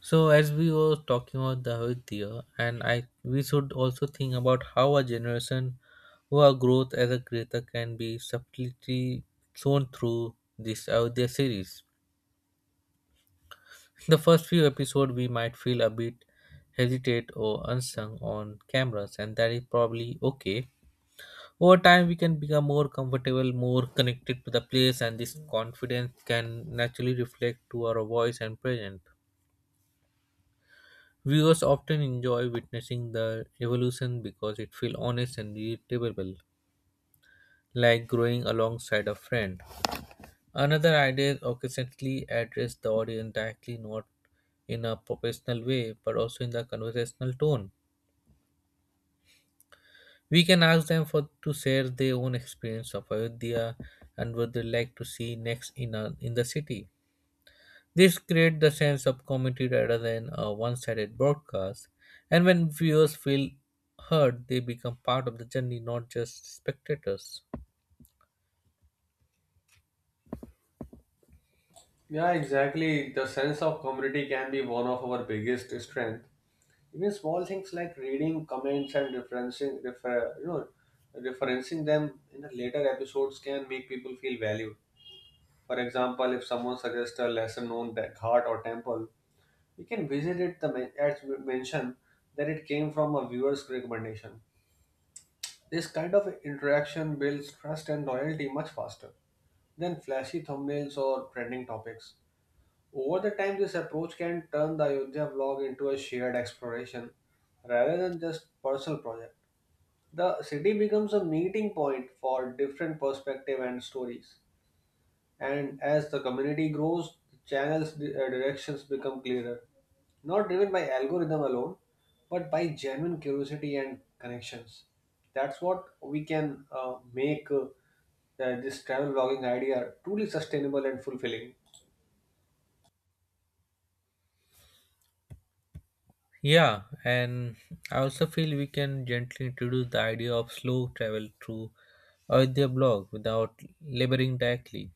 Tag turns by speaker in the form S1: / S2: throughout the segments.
S1: So as we were talking about the Avidya, and I we should also think about how a generation or a growth as a creator can be subtly shown through this Avidya series. The first few episodes we might feel a bit hesitate or unsung on cameras, and that is probably okay. Over time we can become more comfortable, more connected to the place, and this confidence can naturally reflect to our voice and presence. Viewers often enjoy witnessing the evolution because it feels honest and relatable, like growing alongside a friend. Another idea, occasionally address the audience directly, not in a professional way, but also in the conversational tone. We can ask them for to share their own experience of Ayodhya and what they like to see next in the city. This creates the sense of community rather than a one-sided broadcast. And when viewers feel heard, they become part of the journey, not just spectators.
S2: Yeah, exactly. The sense of community can be one of our biggest strength. Even small things like reading comments and referencing, refer, you know, referencing them in the later episodes can make people feel valued. For example, if someone suggests a lesser-known ghat or temple, we can visit it as we mention that it came from a viewer's recommendation. This kind of interaction builds trust and loyalty much faster than flashy thumbnails or trending topics. Over the time, this approach can turn the Ayodhya vlog into a shared exploration rather than just personal project. The city becomes a meeting point for different perspective and stories. And as the community grows, the channel's directions become clearer, not driven by algorithm alone, but by genuine curiosity and connections. That's what we can make this travel vlogging idea truly sustainable and fulfilling.
S1: Yeah, and I also feel we can gently introduce the idea of slow travel through Ayodhya blog without laboring directly.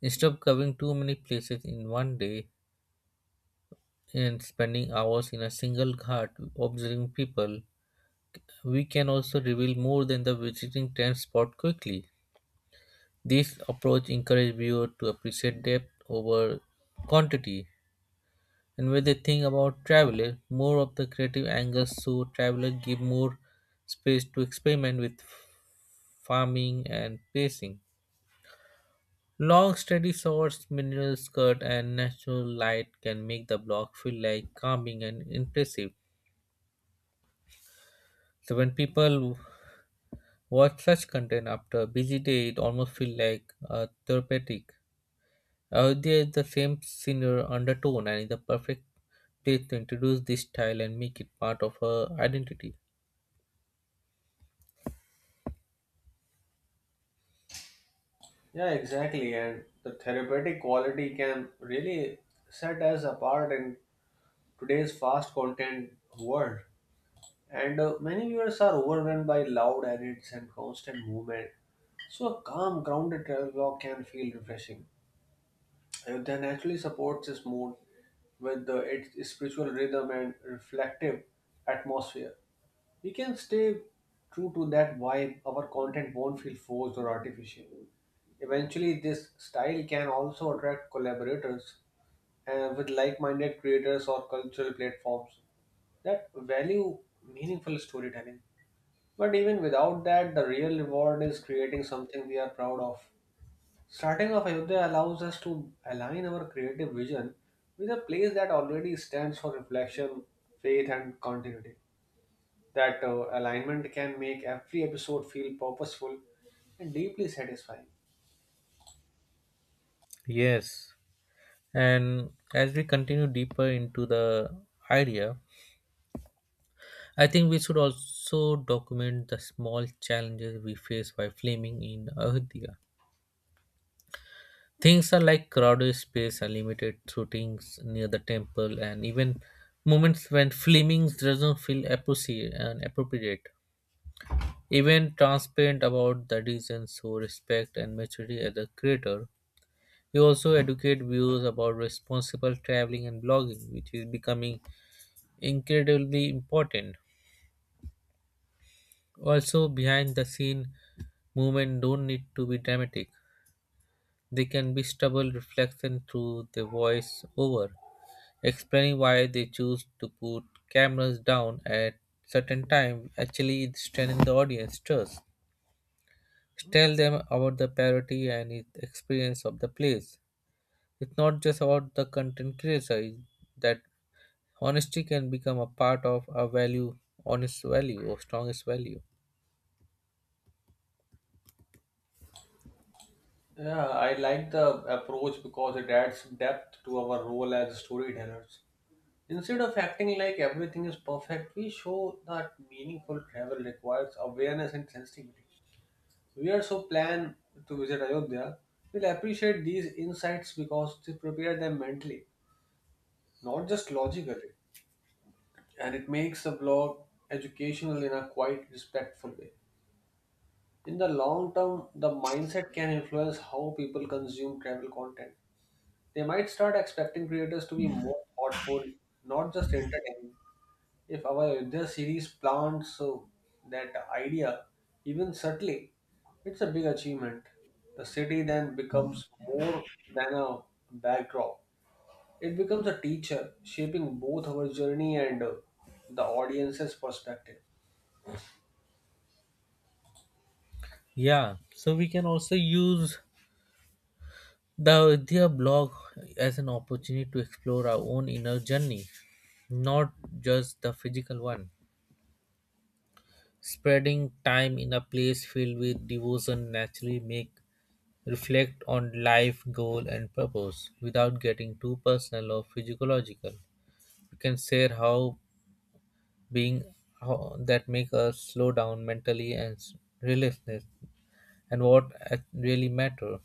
S1: Instead of covering too many places in one day and spending hours in a single ghat observing people, we can also reveal more than the visiting 10 spot quickly. This approach encourages viewers to appreciate depth over quantity, and when they think about travelers, more of the creative angles so travelers give more space to experiment with farming and pacing. Long, steady shots, mineral skirt, and natural light can make the block feel like calming and impressive. So when people watch such content after a busy day, it almost feels like a therapeutic. There is the same senior undertone and is the perfect place to introduce this style and make it part of her identity.
S2: Yeah, exactly. And the therapeutic quality can really set us apart in today's fast content world. And many viewers are overwhelmed by loud edits and constant movement. So a calm, grounded travel vlog can feel refreshing. Ayodhya naturally supports this mood with its spiritual rhythm and reflective atmosphere. We can stay true to that vibe, our content won't feel forced or artificial. Eventually, this style can also attract collaborators with like minded creators or cultural platforms that value meaningful storytelling. But even without that, the real reward is creating something we are proud of. Starting off Ayodhya allows us to align our creative vision with a place that already stands for reflection, faith, and continuity. That alignment can make every episode feel purposeful and deeply satisfying.
S1: Yes. And as we continue deeper into the idea, I think we should also document the small challenges we face while filming in Ayodhya. Things are like crowded space and limited shootings near the temple, and even moments when filming doesn't feel appropriate. And appropriate. Even transparent about the reasons so respect and maturity as a creator. He also educate viewers about responsible traveling and blogging, which is becoming incredibly important. Also, behind the scene movement don't need to be dramatic. They can be stubble reflection through the voice over, explaining why they choose to put cameras down at certain time actually strengthening the audience trust. Tell them about the parody and its experience of the plays. It's not just about the content creator, it's that honesty can become a part of a value, honest value, or strongest value.
S2: Yeah, I like the approach because it adds depth to our role as storytellers. Instead of acting like everything is perfect, we show that meaningful travel requires awareness and sensitivity. We also plan to visit Ayodhya. We'll appreciate these insights because they prepare them mentally, not just logically. And it makes the blog educational in a quite respectful way. In the long term, the mindset can influence how people consume travel content. They might start expecting creators to be more thoughtful, not just entertaining. If our Ayodhya series plants that idea, even subtly, it's a big achievement. The city then becomes more than a backdrop, it becomes a teacher, shaping both our journey and the audience's perspective.
S1: Yeah, so we can also use the Vidya blog as an opportunity to explore our own inner journey, not just the physical one. Spreading time in a place filled with devotion naturally make reflect on life, goal, and purpose without getting too personal or physiological. We can share how being how that make us slow down mentally relentlessness and what really matter.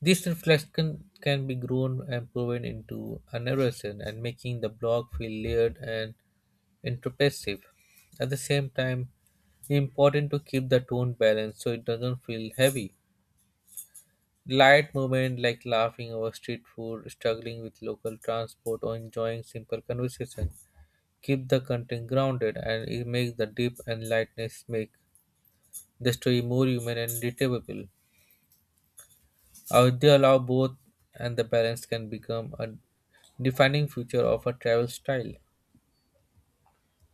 S1: This reflection can be grown and proven into a narration and making the blog feel layered and introspective. At the same time, it's important to keep the tone balanced so it doesn't feel heavy. Light moments like laughing over street food, struggling with local transport, or enjoying simple conversation keep the content grounded, and it makes the depth and lightness make the story more human and relatable. They allow both, and the balance can become a defining feature of a travel style.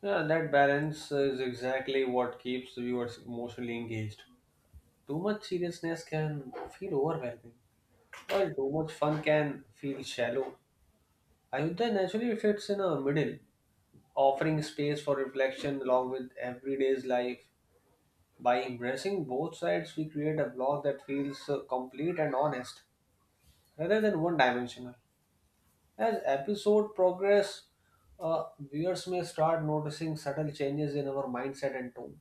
S2: Yeah, that balance is exactly what keeps viewers emotionally engaged. Too much seriousness can feel overwhelming, while too much fun can feel shallow. Ayodhya naturally fits in a middle, offering space for reflection along with everyday's life. By embracing both sides, we create a blog that feels complete and honest, rather than one-dimensional. As episode progress, uh, viewers may start noticing subtle changes in our mindset and tone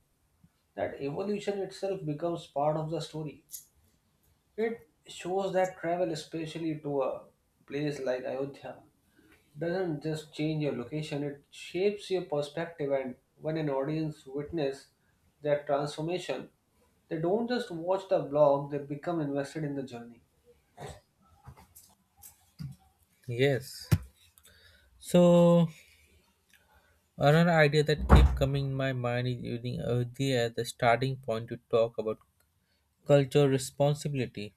S2: that evolution itself becomes part of the story. It shows that travel, especially to a place like Ayodhya, doesn't just change your location, it shapes your perspective. And when an audience witness that transformation, they don't just watch the vlog, they become invested in the journey.
S1: Yes. So another idea that keep coming in my mind is using Ayodhya as the starting point to talk about cultural responsibility.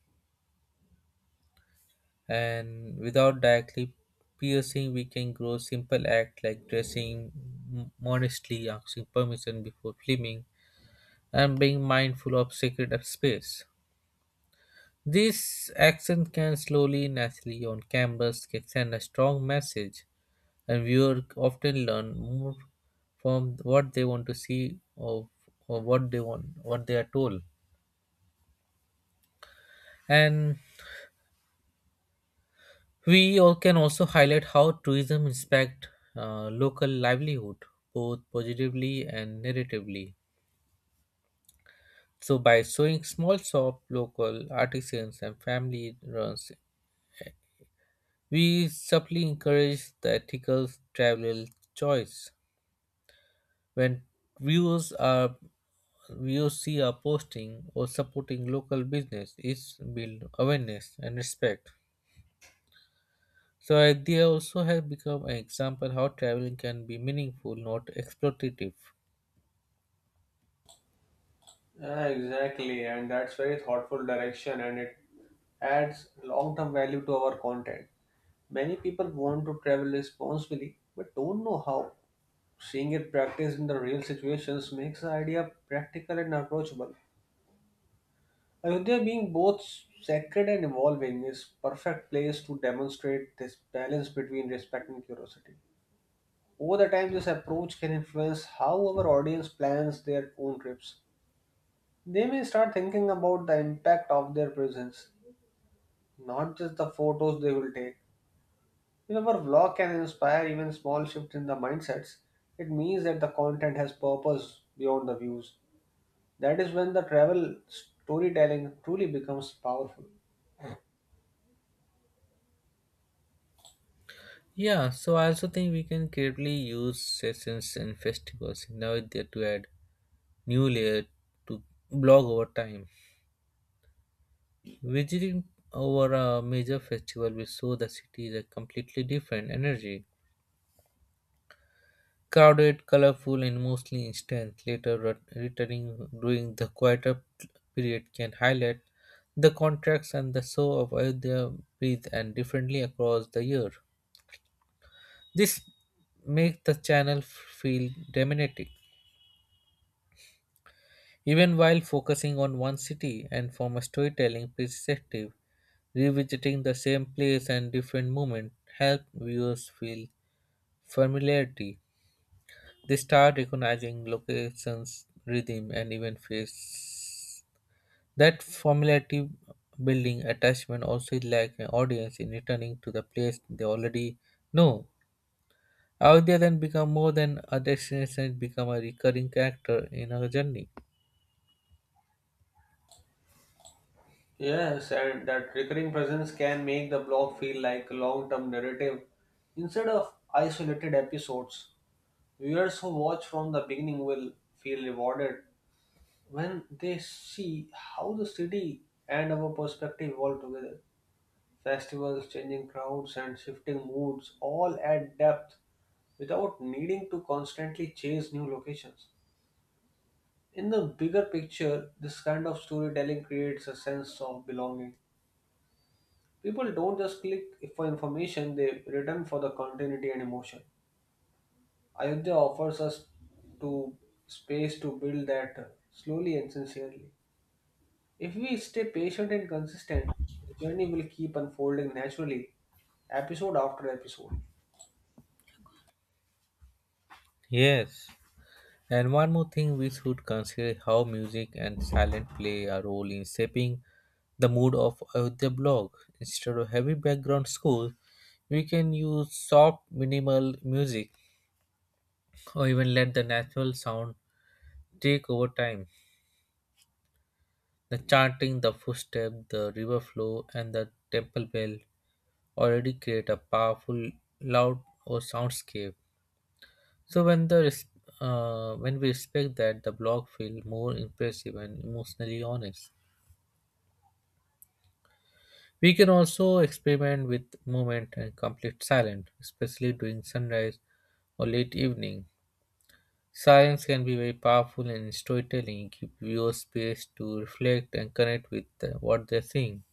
S1: And without directly piercing, we can grow simple acts like dressing modestly, asking permission before filming, and being mindful of sacred space. This action can slowly naturally on canvas can send a strong message, and viewers often learn more from what they want to see or what they want what they are told. And we all can also highlight how tourism impacts local livelihood, both positively and negatively. So, by showing small shop, local artisans, and family runs, we subtly encourage the ethical travel choice. When viewers are viewers see our posting or supporting local business, it builds awareness and respect. So they also has become an example how traveling can be meaningful, not exploitative.
S2: Yeah, exactly, and that's very thoughtful direction, and it adds long-term value to our content. Many people want to travel responsibly but don't know how. Seeing it practiced in the real situations makes the idea practical and approachable. Ayodhya, being both sacred and evolving, is perfect place to demonstrate this balance between respect and curiosity. Over the time, this approach can influence how our audience plans their own trips. They may start thinking about the impact of their presence, not just the photos they will take. If our vlog can inspire even small shifts in the mindsets, it means that the content has purpose beyond the views. That is when the travel storytelling truly becomes powerful.
S1: Yeah, so I also think we can creatively use sessions and festivals now there to add new layer to blog over time. Visiting over a major festival will show the city a completely different energy, crowded, colorful, and mostly instant. Later, returning during the quieter period can highlight the contracts and the show of Ayodhya breathe and differently across the year. This makes the channel feel dramatic, even while focusing on one city. And from a storytelling perspective, revisiting the same place and different moment help viewers feel familiarity. They start recognizing locations, rhythm, and even face. That familiarity building attachment also is like an audience in returning to the place they already know. Ayodhya then become more than a destination; it become a recurring character in our journey.
S2: Yes, and that recurring presence can make the blog feel like a long term narrative instead of isolated episodes. Viewers who watch from the beginning will feel rewarded when they see how the city and our perspective evolve together. Festivals, changing crowds, and shifting moods all add depth without needing to constantly chase new locations. In the bigger picture, this kind of storytelling creates a sense of belonging. People don't just click for information, they return for the continuity and emotion. Ayodhya offers us to space to build that slowly and sincerely. If we stay patient and consistent, the journey will keep unfolding naturally, episode after episode.
S1: Yes. And one more thing we should consider how music and silent play a role in shaping the mood of the blog. Instead of heavy background score, we can use soft minimal music or even let the natural sound take over time. The chanting, the footstep, the river flow, and the temple bell already create a powerful loud or soundscape. So when when we respect that, the blog feel more impressive and emotionally honest. We can also experiment with movement and complete silence, especially during sunrise or late evening. Silence can be very powerful in storytelling, give viewers space to reflect and connect with what they're seeing.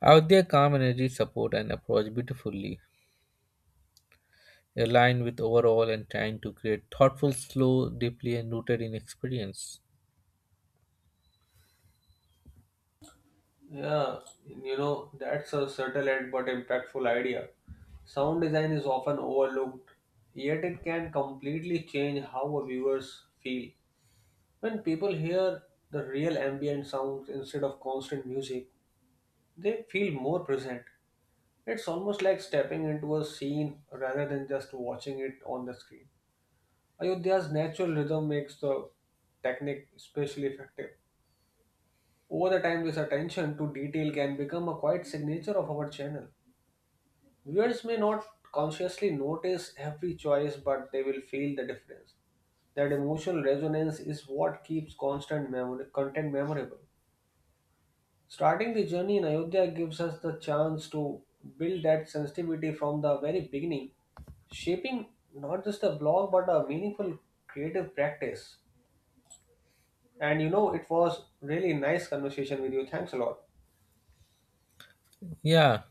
S1: Out there, calm energy support and approach beautifully, aligned with overall and trying to create thoughtful, slow, deeply and rooted in experience.
S2: Yeah, you know, that's a subtle and but impactful idea. Sound design is often overlooked, yet it can completely change how a viewers feel. When people hear the real ambient sounds instead of constant music, they feel more present. It's almost like stepping into a scene rather than just watching it on the screen. Ayodhya's natural rhythm makes the technique especially effective. Over the time, this attention to detail can become a quiet signature of our channel. Viewers may not consciously notice every choice, but they will feel the difference. That emotional resonance is what keeps constant memory, content memorable. Starting the journey in Ayodhya gives us the chance to build that sensitivity from the very beginning, shaping not just a blog but a meaningful creative practice. And you know, it was really nice conversation with you. Thanks a lot.
S1: Yeah,